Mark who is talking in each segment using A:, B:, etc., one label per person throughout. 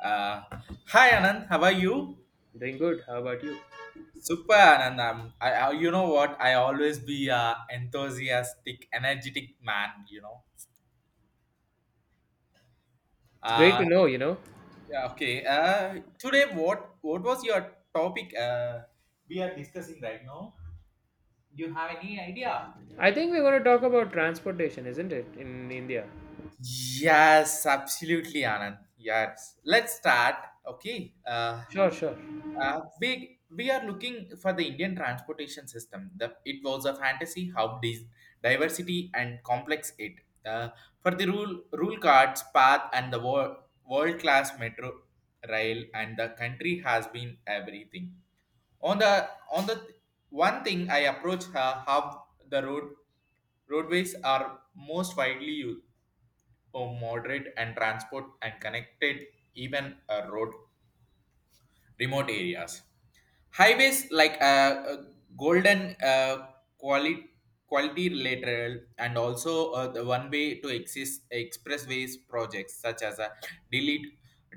A: Uh, hi Anand, how are you?
B: Doing good. How about you?
A: Super Anand, I, you know what? I always be enthusiastic, energetic man. You know.
B: It's great
A: Uh,
B: to know, you know.
A: yeah, okay. Today, what was your topic? We are discussing right now. Do you have any idea?
B: I think we're going to talk about transportation, isn't it, in India?
A: Yes, absolutely, Anand. Yes, let's start. Okay. Uh,
B: Sure, sure.
A: Uh, we we are looking for the Indian transportation system. The, it was a fantasy how diversity and complex it. Uh, for the rule cards, path, and the world class metro rail, and the country has been everything. On the one thing I approach how the roadways are most widely used for moderate and transport and connected even road remote areas. Highways like uh, golden quality quality lateral and also the one way to exist expressways projects such as a delete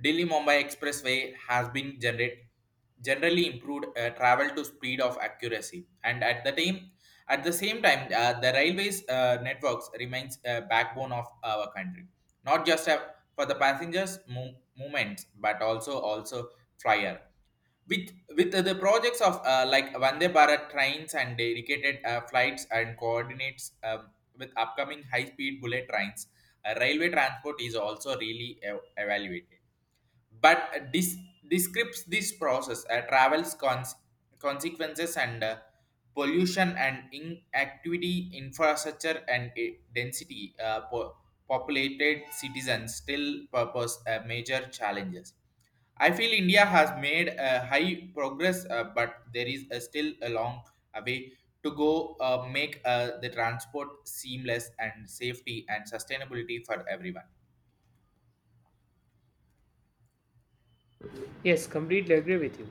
A: Delhi Mumbai Expressway has been generally improved travel to speed of accuracy and at the same time the railways networks remains a backbone of our country, not just for the passengers movements but also flyer with with the projects of like Vande Bharat trains and dedicated flights and coordinates with upcoming high speed bullet trains, railway transport is also really evaluated. But this describes this process, travels consequences and pollution and inactivity, infrastructure and density, populated citizens still purpose major challenges. I feel India has made a high progress, but there is a still a long a way to go. Make the transport seamless and safety and sustainability for everyone.
B: Yes, completely agree with you.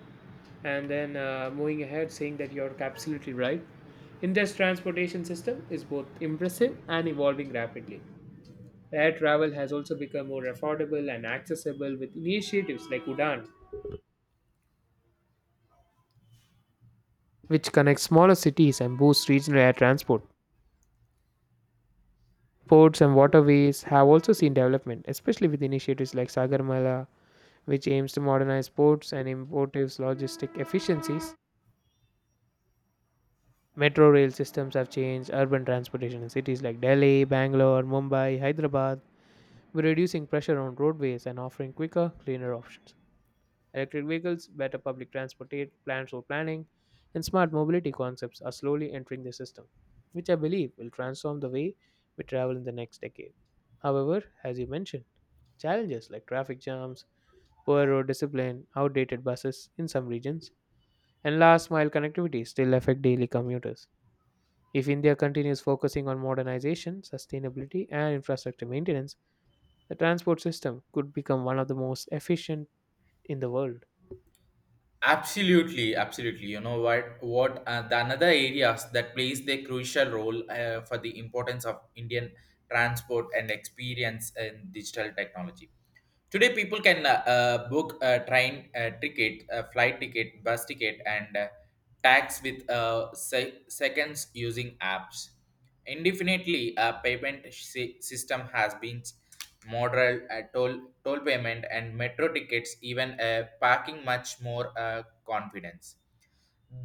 B: And then moving ahead, saying that you're absolutely right. India's transportation system is both impressive and evolving rapidly. Air travel has also become more affordable and accessible with initiatives like Udan, which connects smaller cities and boosts regional air transport. Ports and waterways have also seen development, especially with initiatives like Sagarmala, which aims to modernize ports and improve logistic efficiencies. Metro rail systems have changed urban transportation in cities like Delhi, Bangalore, Mumbai, Hyderabad, by reducing pressure on roadways and offering quicker, cleaner options. Electric vehicles, better public transport, plans for planning, and smart mobility concepts are slowly entering the system, which I believe will transform the way we travel in the next decade. However, as you mentioned, challenges like traffic jams, poor road discipline, outdated buses in some regions, and last mile connectivity still affect daily commuters. If India continues focusing on modernization, sustainability, and infrastructure maintenance, the transport system could become one of the most efficient in the world.
A: Absolutely, absolutely. You know what? What the another areas that plays the crucial role for the importance of Indian transport and experience in digital technology. Today, people can book a train ticket, a flight ticket, bus ticket, and tax with seconds using apps. Indefinitely, a payment system has been model toll payment and metro tickets, even parking much more confidence.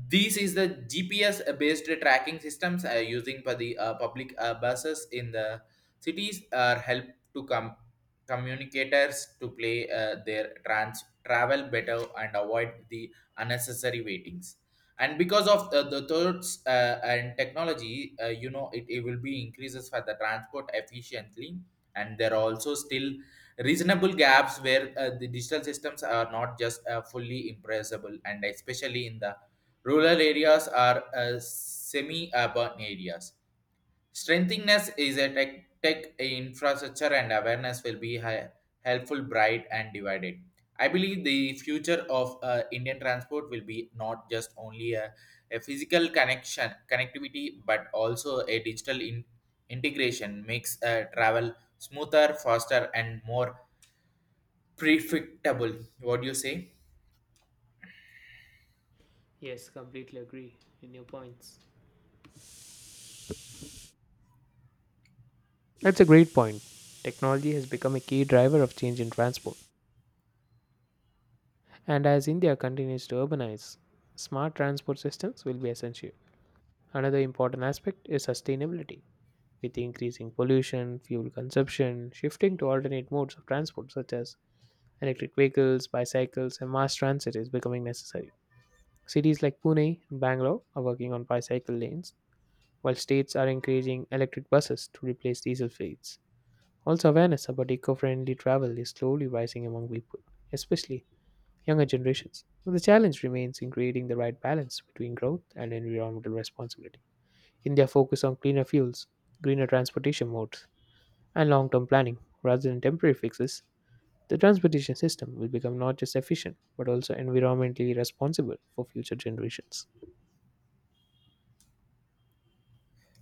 A: This is the GPS based tracking systems using for the public buses in the cities are help to communicators to play their trans travel better and avoid the unnecessary waitings. And because of the thoughts and technology, you know it, it will be increases for the transport efficiently. And there are also still reasonable gaps where the digital systems are not just fully impressible, and especially in the rural areas are semi-urban areas. Strengthingness is a tech infrastructure and awareness will be helpful, bright and divided. I believe the future of Indian transport will be not just only a physical connection connectivity, but also a digital integration makes travel smoother, faster, and more predictable. What do you say?
B: Yes, completely agree in your points. That's a great point. Technology has become a key driver of change in transport, and as India continues to urbanize, smart transport systems will be essential. Another important aspect is sustainability. With increasing pollution, fuel consumption, shifting to alternate modes of transport such as electric vehicles, bicycles, and mass transit is becoming necessary. Cities like Pune and Bangalore are working on bicycle lanes, while states are encouraging electric buses to replace diesel fleets. Also, awareness about eco friendly travel is slowly rising among people, especially younger generations. But the challenge remains in creating the right balance between growth and environmental responsibility. India focus on cleaner fuels, greener transportation modes, and long term planning rather than temporary fixes, the transportation system will become not just efficient but also environmentally responsible for future generations.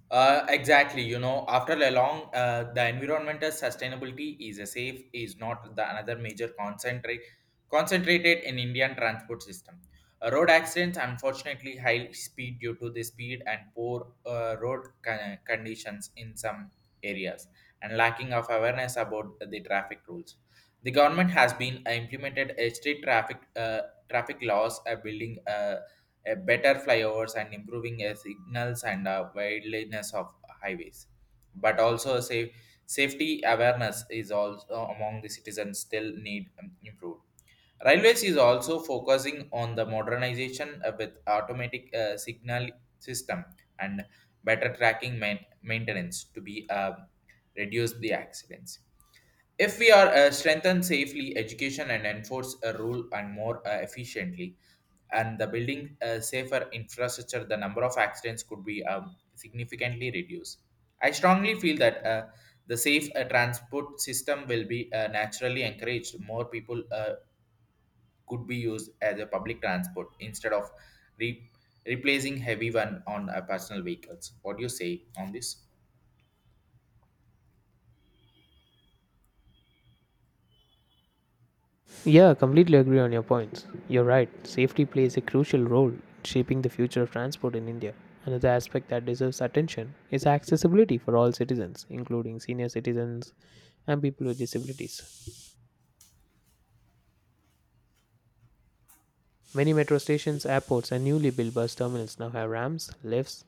A: Exactly. You know, after a long, the environmental sustainability is a safe is not the another major concentrate concentrated in Indian transport system. Road accidents, unfortunately, high speed due to the speed and poor road conditions in some areas and lacking of awareness about the traffic rules. The government has been implemented a strict traffic traffic laws, building a better flyovers and improving signals and wideliness of highways. But also safety awareness is also among the citizens still need improved. Railways is also focusing on the modernization with automatic signal system and better tracking maintenance to be reduce the accidents if we are strengthen safely education and enforce a rule and more efficiently, and the building a safer infrastructure, the number of accidents could be significantly reduced. I strongly feel that the safe transport system will be naturally encouraged. More people could be used as a public transport instead of re- replacing heavy one on personal vehicles. What do you say on this?
B: Yeah, completely agree on your points. You're right, safety plays a crucial role in shaping the future of transport in India. Another aspect that deserves attention is accessibility for all citizens, including senior citizens and people with disabilities. Many metro stations, airports, and newly built bus terminals now have ramps, lifts,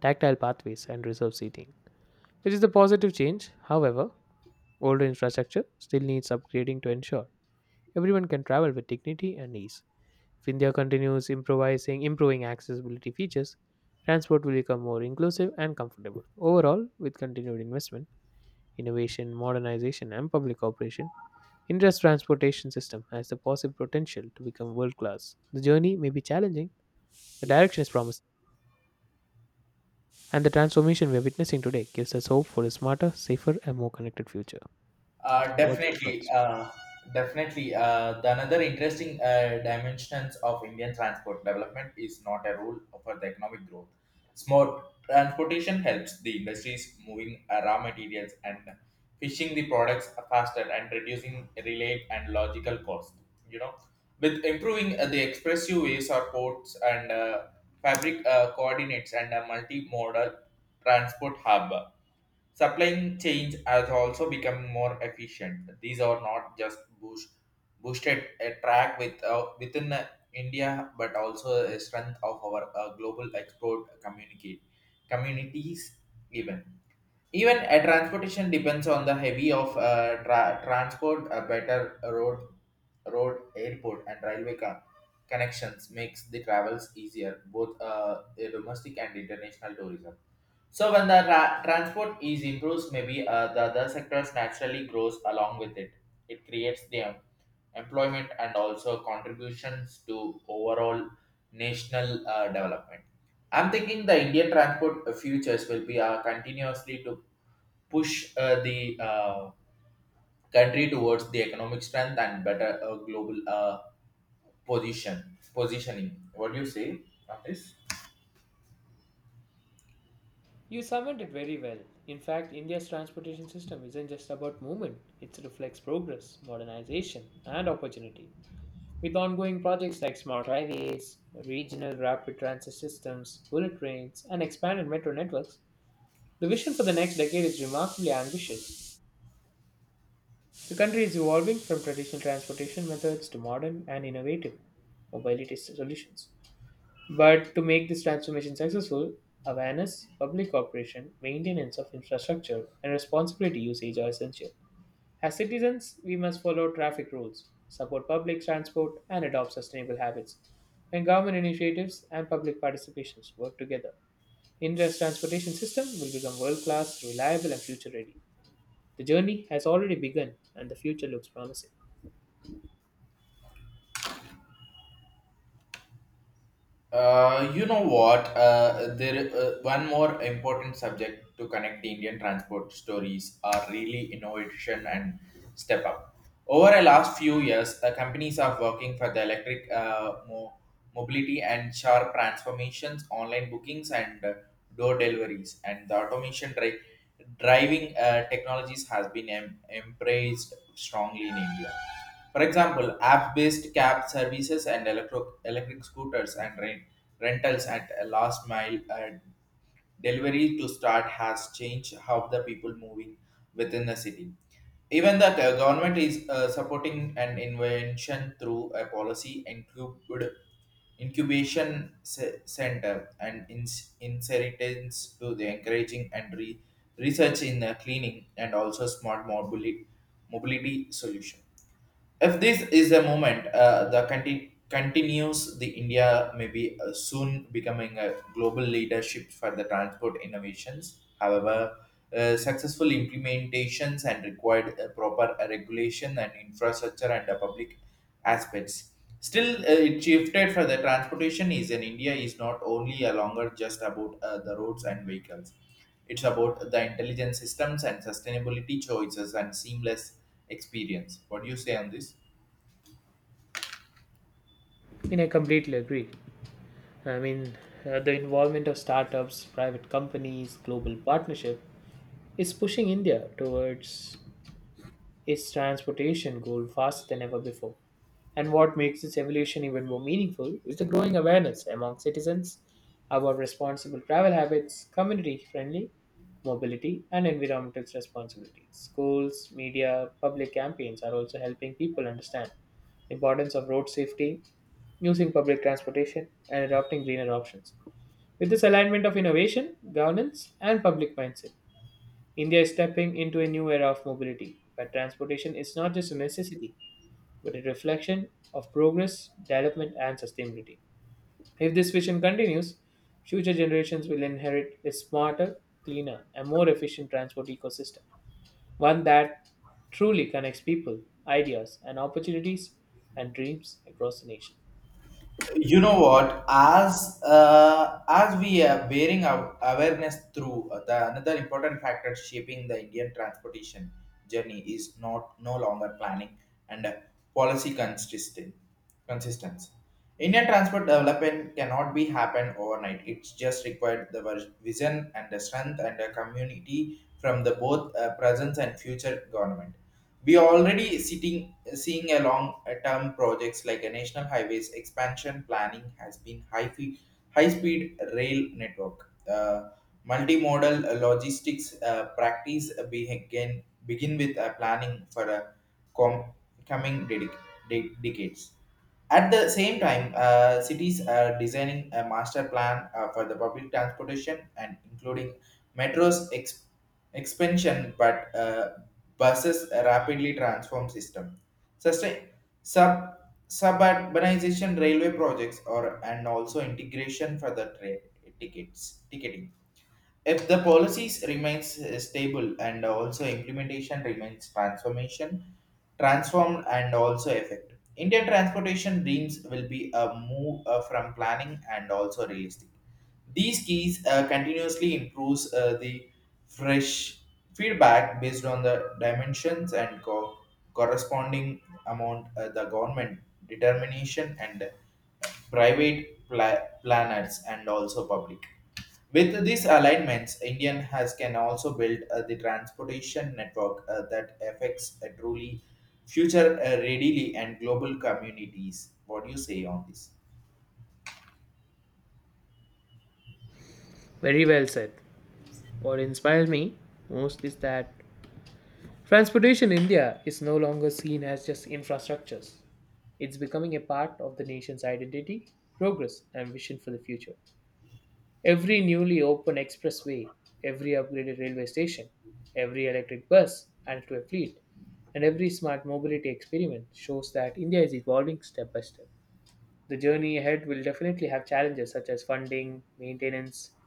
B: tactile pathways, and reserved seating. It is a positive change. However, older infrastructure still needs upgrading to ensure everyone can travel with dignity and ease. If India continues improvising, improving accessibility features, transport will become more inclusive and comfortable. Overall, with continued investment, innovation, modernization, and public cooperation, India's transportation system has the possible potential to become world class. The journey may be challenging, the direction is promising, and the transformation we are witnessing today gives us hope for a smarter, safer, and more connected future. So
A: Uh,
B: what's your
A: definitely,
B: thoughts?
A: uh, definitely. The another interesting dimensions of Indian transport development is not a rule for the economic growth. Small transportation helps the industries moving raw materials and fishing the products faster and reducing relay and logical cost. You know, with improving the expressways ways or ports and fabric coordinates and a multimodal transport hub. Supply chains has also become more efficient. These are not just boosted a track with, within India, but also a strength of our global export communicate communities even. Even a transportation depends on the heavy of transport, a better road, airport, and railway connections makes the travels easier, both a domestic and international tourism. So when the transport is improves, maybe the other sectors naturally grows along with it. It creates the employment and also contributions to overall national development. I'm thinking the Indian transport futures will be continuously to push the country towards the economic strength and better global position positioning. What do you say on this?
B: You summed it very well. In fact, India's transportation system isn't just about movement, it reflects progress, modernization, and opportunity. With ongoing projects like smart highways, regional rapid transit systems, bullet trains, and expanded metro networks, the vision for the next decade is remarkably ambitious. The country is evolving from traditional transportation methods to modern and innovative mobility solutions. But to make this transformation successful, awareness, public cooperation, maintenance of infrastructure, and responsibility usage are essential. As citizens, we must follow traffic rules, support public transport, and adopt sustainable habits. When government initiatives and public participations work together, India's transportation system will become world class, reliable, and future ready. The journey has already begun, and the future looks promising.
A: You know what? There one more important subject to connect the Indian transport stories are really innovation and step up. Over the last few years, companies are working for the electric mobility and sharp transformations, online bookings and door deliveries, and the automation driving technologies has been embraced strongly in India. For example, app-based cab services and electric scooters and rentals at a last mile delivery to start has changed how the people moving within the city. Even the government is supporting an invention through a policy incubed incubation center and inheritance to the encouraging and research in cleaning and also smart mobility solution. If this is a moment, continues the India may be soon becoming a global leadership for the transport innovations. However, successful implementations and required proper regulation and infrastructure and public aspects. Still, it shifted for the transportation is in India is not only a longer just about the roads and vehicles. It's about the intelligent systems and sustainability choices and seamless experience. What do you say on this?
B: I mean, I completely agree. I mean, the involvement of startups, private companies, global partnership, is pushing India towards its transportation goal faster than ever before. And what makes this evolution even more meaningful is the growing awareness among citizens about responsible travel habits, community friendly mobility, and environmental responsibilities. Schools, media, public campaigns are also helping people understand the importance of road safety, using public transportation, and adopting greener options. With this alignment of innovation, governance, and public mindset, India is stepping into a new era of mobility, where transportation is not just a necessity, but a reflection of progress, development, and sustainability. If this vision continues, future generations will inherit a smarter, cleaner, and more efficient transport ecosystem, one that truly connects people, ideas, and opportunities and dreams across the nation.
A: You know what? As we are bearing our awareness through the another important factor shaping the Indian transportation journey is not no longer planning and policy consistent consistency. Indian transport development cannot be happen overnight. It's just required the vision and the strength and the community from the both present and future government. We are already sitting seeing a long-term projects like a national highways expansion planning has been high fee, high-speed rail network, multimodal logistics practice begin with planning for a com- coming decades. At the same time, cities are designing a master plan for the public transportation and including Metro's expansion, but buses rapidly transform system. Sustain sub suburbanization railway projects or and also integration for the train tickets ticketing. If the policies remains stable and also implementation remains transformed and also effective, Indian transportation dreams will be a move from planning and also realistic. These keys continuously improves the fresh feedback based on the dimensions and corresponding amount the government determination and private planners and also public. With these alignments, Indian has can also build the transportation network that affects truly future readily and global communities. What do you say on this?
B: Very well said. What inspires me most is that transportation in India is no longer seen as just infrastructures. It's becoming a part of the nation's identity, progress, and vision for the future. Every newly opened expressway, every upgraded railway station, every electric bus added to a fleet, and every smart mobility experiment shows that India is evolving step by step. The journey ahead will definitely have challenges such as funding, maintenance,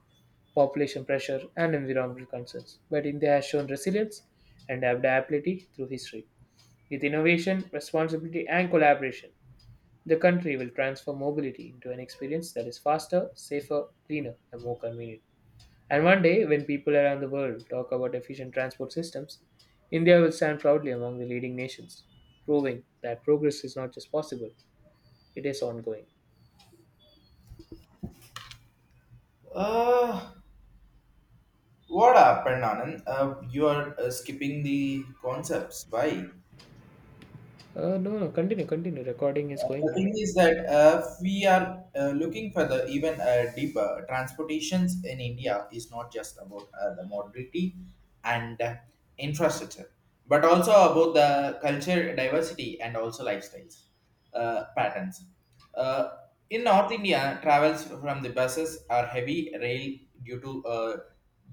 B: population pressure, and environmental concerns. But India has shown resilience and adaptability through history. With innovation, responsibility, and collaboration, the country will transform mobility into an experience that is faster, safer, cleaner, and more convenient. And one day, when people around the world talk about efficient transport systems, India will stand proudly among the leading nations, proving that progress is not just possible, it is ongoing.
A: Uh, What happened, Anand? You are skipping the concepts. Why?
B: No, no, continue, continue. Recording is going
A: The
B: on,
A: thing
B: right?
A: is that if we are looking for the even deeper transportations in India is not just about the mobility and infrastructure, but also about the culture diversity and also lifestyles patterns. Uh, in North India, travels from the buses are heavy rail due to uh,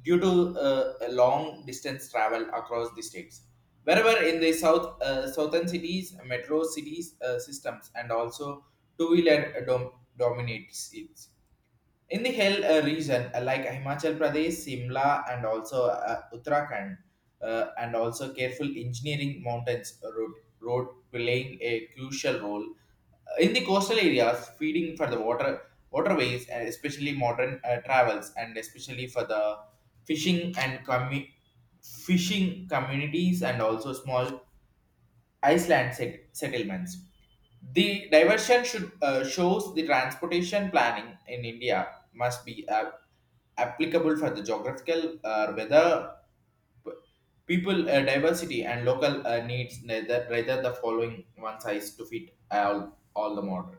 A: due to a long distance travel across the states wherever in the south southern cities metro cities systems and also two-wheeler dominates it in the hill region like himachal pradesh simla and also uttarakhand and also careful engineering mountains road road playing a crucial role in the coastal areas feeding for the water waterways and especially modern travels and especially for the fishing and commu- fishing communities and also small island settlements. The diversion should shows the transportation planning in india must be applicable for the geographical weather p- people diversity and local needs, rather the following one size to fit all the model.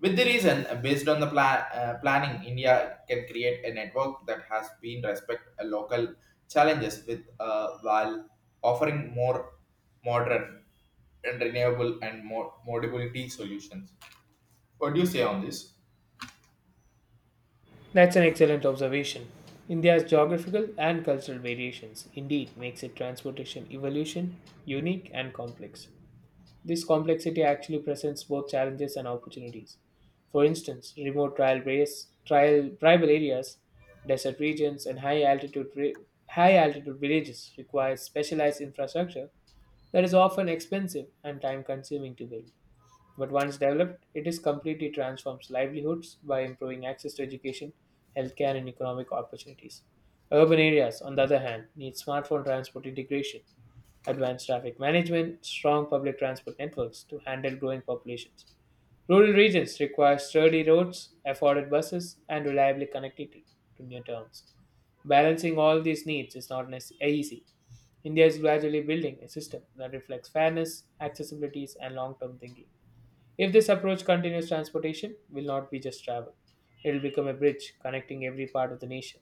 A: With the reason, based on the planning, India can create a network that has been respect local challenges with while offering more modern and renewable and more modality solutions. What do you say on this?
B: That's an excellent observation. India's geographical and cultural variations indeed makes its transportation evolution unique and complex. This complexity actually presents both challenges and opportunities. For instance, remote trial tribal areas, desert regions, and high altitude villages require specialized infrastructure that is often expensive and time consuming to build. But once developed, it is completely transforms livelihoods by improving access to education, healthcare, and economic opportunities. Urban areas, on the other hand, need smartphone transport integration, advanced traffic management, strong public transport networks to handle growing populations. Rural regions require sturdy roads, afforded buses, and reliable connectivity to near towns. Balancing all these needs is not nec- easy. India is gradually building a system that reflects fairness, accessibilities, and long term thinking. If this approach continues, transportation will not be just travel. It will become a bridge connecting every part of the nation,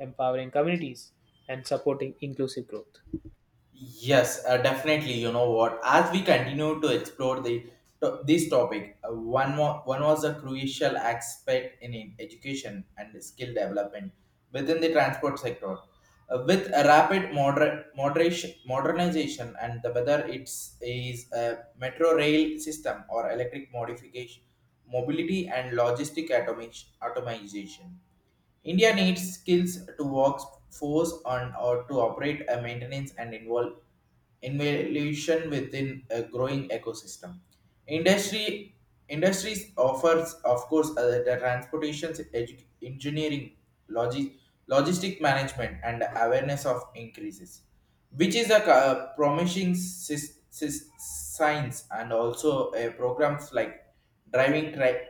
B: empowering communities, and supporting inclusive growth.
A: Yes, definitely. You know what? As we continue to explore the this topic, one more one was a crucial aspect in education and skill development within the transport sector. With a rapid modernization, and the whether it's is a metro rail system or electric modification, mobility and logistic automation. India needs skills to workforce on or to operate a maintenance and involve innovation within a growing ecosystem. Industry industries offers, of course, the transportation, engineering, logi- logistic management, and awareness of increases, which is a promising science, and also programs like driving tri-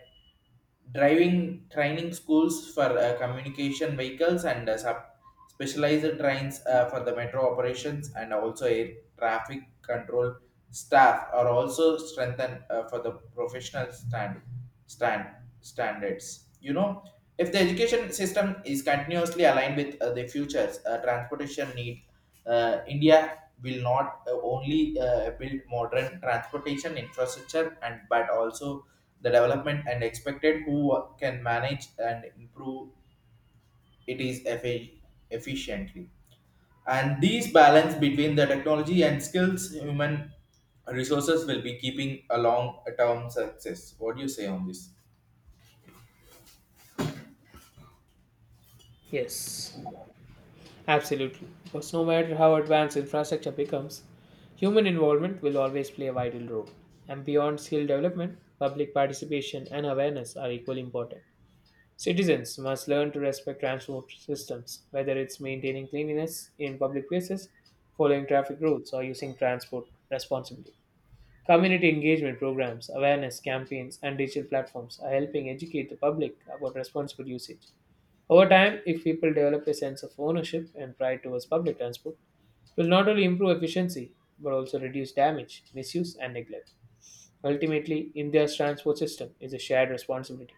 A: driving training schools for communication vehicles and specialized trains for the metro operations, and also air traffic control staff are also strengthened for the professional stand, standards, you know. If the education system is continuously aligned with the futures transportation need, india will not only build modern transportation infrastructure and but also the development and expected who can manage and improve it is efficiently, and these balance between the technology and skills human resources will be keeping a long term success. What do you say on this?
B: Yes. Absolutely, because no matter how advanced infrastructure becomes, human involvement will always play a vital role. And beyond skill development, public participation and awareness are equally important. Citizens must learn to respect transport systems, whether it's maintaining cleanliness in public places, following traffic rules, or using transport responsibly. Community engagement programs, awareness campaigns, and digital platforms are helping educate the public about responsible usage. Over time, if people develop a sense of ownership and pride towards public transport, it will not only improve efficiency but also reduce damage, misuse, and neglect. Ultimately, India's transport system is a shared responsibility.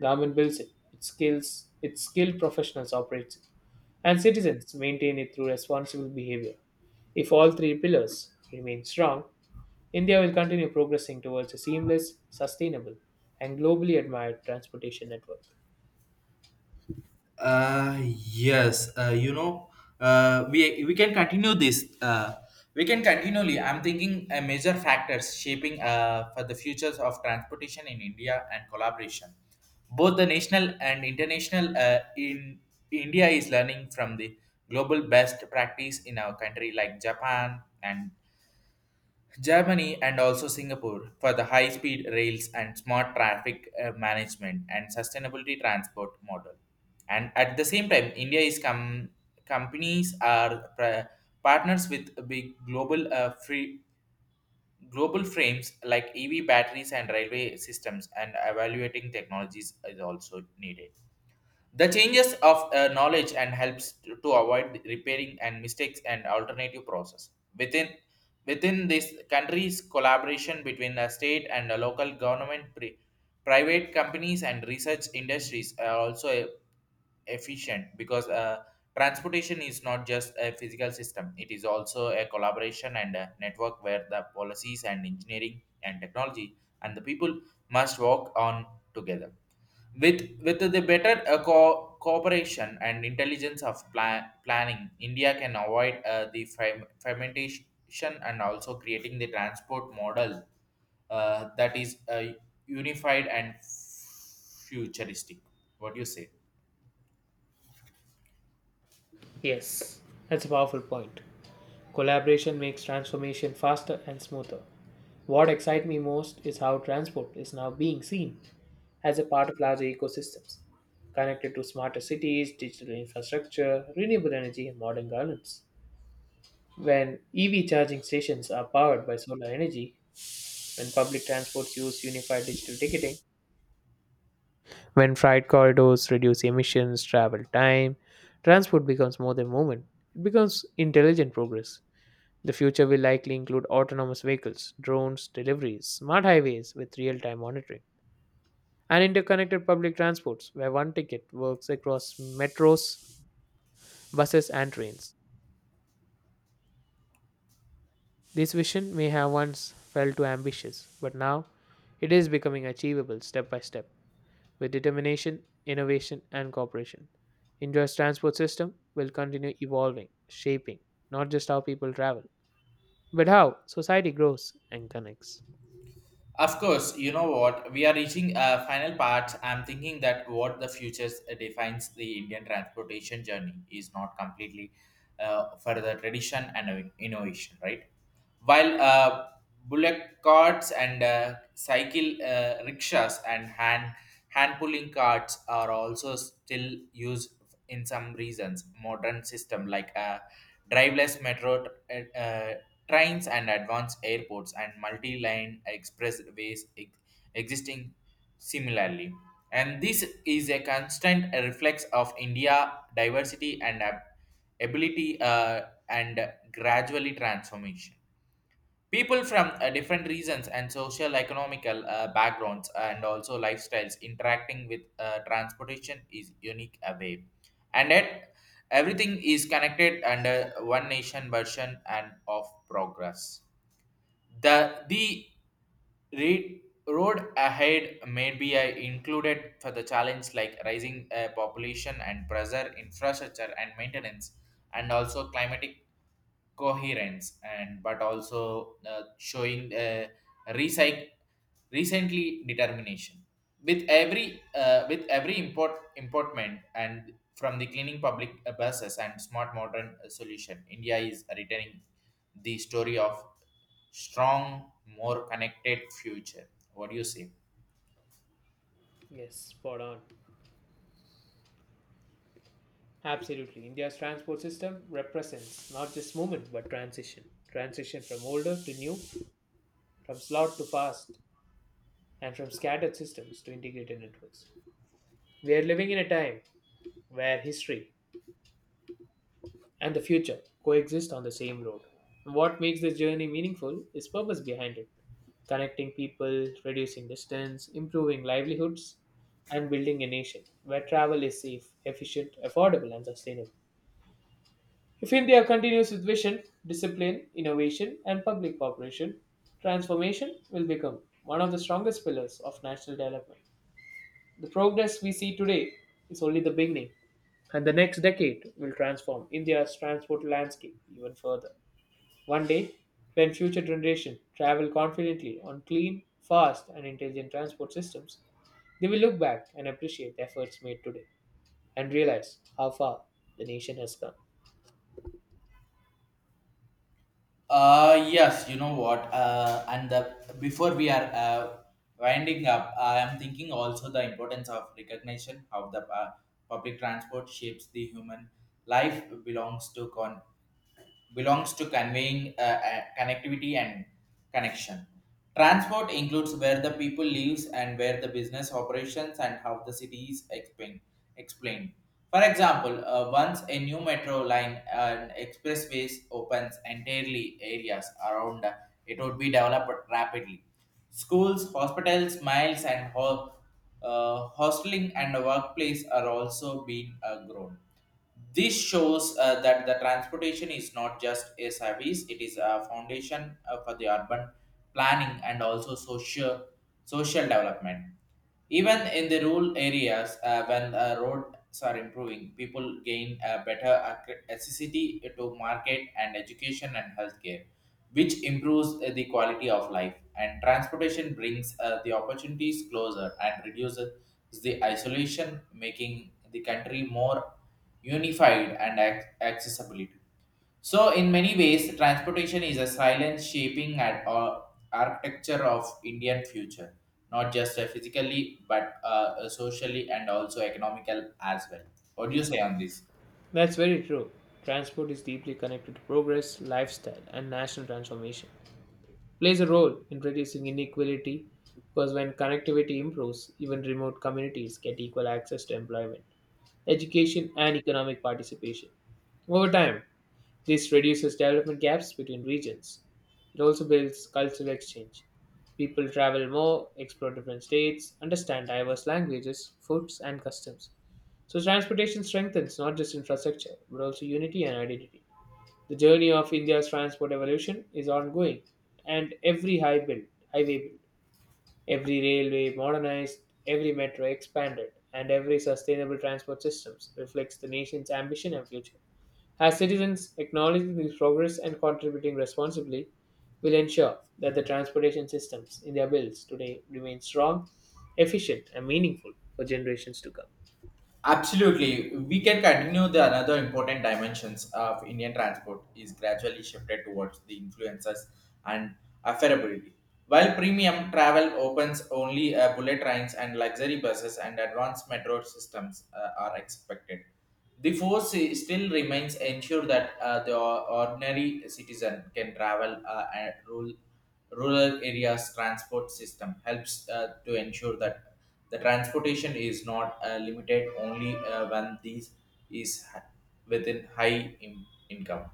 B: Government builds it, its skilled professionals operate it, and citizens maintain it through responsible behavior. If all three pillars remain strong, India will continue progressing towards a seamless, sustainable, and globally admired transportation network.
A: Uh, yes, you know, we can continue this. We can continually. I'm thinking major factors shaping for the futures of transportation in India and collaboration. Both the national and international in India is learning from the global best practice in our country like Japan and Germany and also Singapore for the high speed rails and smart traffic management and sustainability transport model. And at the same time, companies are partners with big global free global frames like EV batteries and railway systems, and evaluating technologies is also needed the changes of knowledge and helps to avoid repairing and mistakes and alternative process within within this country's collaboration between the state and the local government private companies and research industries are also efficient, because transportation is not just a physical system, it is also a collaboration and a network where the policies and engineering and technology and the people must work on together with the better cooperation and intelligence of planning. India can avoid the fermentation and also creating the transport model that is unified and futuristic. What do you say?
B: Yes, that's a powerful point. Collaboration makes transformation faster and smoother. What excites me most is how transport is now being seen as a part of larger ecosystems, connected to smarter cities, digital infrastructure, renewable energy, and modern governance. When EV charging stations are powered by solar energy, when public transports use unified digital ticketing, when freight corridors reduce emissions, travel time, transport becomes more than movement. It becomes intelligent progress. The future will likely include autonomous vehicles, drones, deliveries, smart highways with real time monitoring, and interconnected public transports where one ticket works across metros, buses, and trains. This vision may have once felt too ambitious, but now it is becoming achievable step by step with determination, innovation, and cooperation. India's transport system will continue evolving, shaping not just how people travel, but how society grows and connects.
A: Of course, you know what, we are reaching a final part. I'm thinking that what the future defines the Indian transportation journey is not completely for the tradition and innovation, right? While bullock carts and cycle rickshaws and hand pulling carts are also still used in some reasons modern system like driveless metro uh, uh, trains and advanced airports and multi-line expressways existing similarly, and this is a constant reflex of india diversity and ability and gradually transformation. People from different regions and social economical backgrounds and also lifestyles interacting with transportation is unique away, and yet everything is connected under one nation version and of progress. The the re- road ahead may be included for the challenge like rising population and pressure infrastructure and maintenance, and also climatic coherence, and but also showing recyc- recently determination. With every with every import importment, and from the cleaning public buses and smart modern solution, india is returning the story of strong more connected future. What do you say?
B: Yes, spot on. Absolutely. India's transport system represents not just movement but transition. Transition from older to new, from slot to fast, and from scattered systems to integrated networks. We are living in a time where history and the future coexist on the same road. What makes this journey meaningful is purpose behind it, connecting people, reducing distance, improving livelihoods, and building a nation where travel is safe, efficient, affordable, and sustainable. If India continues with vision, discipline, innovation, and public cooperation, transformation will become one of the strongest pillars of national development. The progress we see today is only the beginning, and the next decade will transform India's transport landscape even further. One day, when future generations travel confidently on clean, fast, and intelligent transport systems, they will look back and appreciate the efforts made today and realize how far the nation has come.
A: Yes, you know what? Before we are winding up, I am thinking also the importance of recognition how the public transport shapes the human life belongs to conveying connectivity and connection. Transport includes where the people lives and where the business operations and how the city is explained. For example, once a new metro line and expressways opens entirely areas around, it would be developed rapidly. Schools, hospitals, miles, and hosteling and workplace are also being grown. This shows that the transportation is not just a service, it is a foundation for the urban planning and also social development. Even in the rural areas, when roads are improving, people gain a better accessibility to market and education and healthcare, which improves the quality of life. And transportation brings the opportunities closer and reduces the isolation, making the country more unified and accessibility. So, in many ways, transportation is a silent shaping at architecture of Indian future, not just physically but socially and also economical as well. What do you say on this?
B: That's very true. Transport is deeply connected to progress, lifestyle, and national transformation. Plays a role in reducing inequality because when connectivity improves, even remote communities get equal access to employment, education, and economic participation. Over time, this reduces development gaps between regions. It also builds cultural exchange. People travel more, explore different states, understand diverse languages, foods, and customs. So, transportation strengthens not just infrastructure, but also unity and identity. The journey of India's transport evolution is ongoing, and highway built, every railway modernized, every metro expanded, and every sustainable transport systems reflects the nation's ambition and future. As citizens, acknowledging this progress and contributing responsibly will ensure that the transportation systems in their bills today remain strong, efficient, and meaningful for generations to come.
A: Absolutely, we can continue the another important dimensions of Indian transport is gradually shifted towards the influences and affordability. While premium travel opens only bullet trains and luxury buses and advanced metro systems are expected. The force still remains ensure that the ordinary citizen can travel and rural areas transport system helps to ensure that the transportation is not limited only when these is within high income.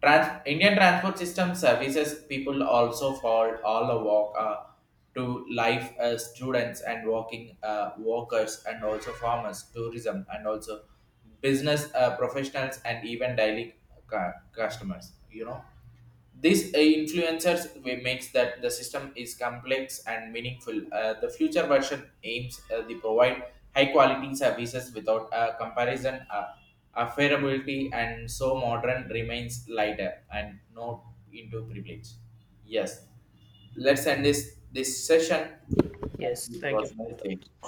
A: Indian transport system services people also for all the walk to life, students and working workers and also farmers, tourism and also business professionals and even daily customers, you know. These influencers we makes that the system is complex and meaningful. The future version aims to provide high quality services without a comparison, affordability, and so modern remains lighter and not into privilege. Yes, let's end this session. Thank
B: Yes,
A: you. It
B: thank you
A: was
B: for your
A: nice
B: thoughts.
A: day.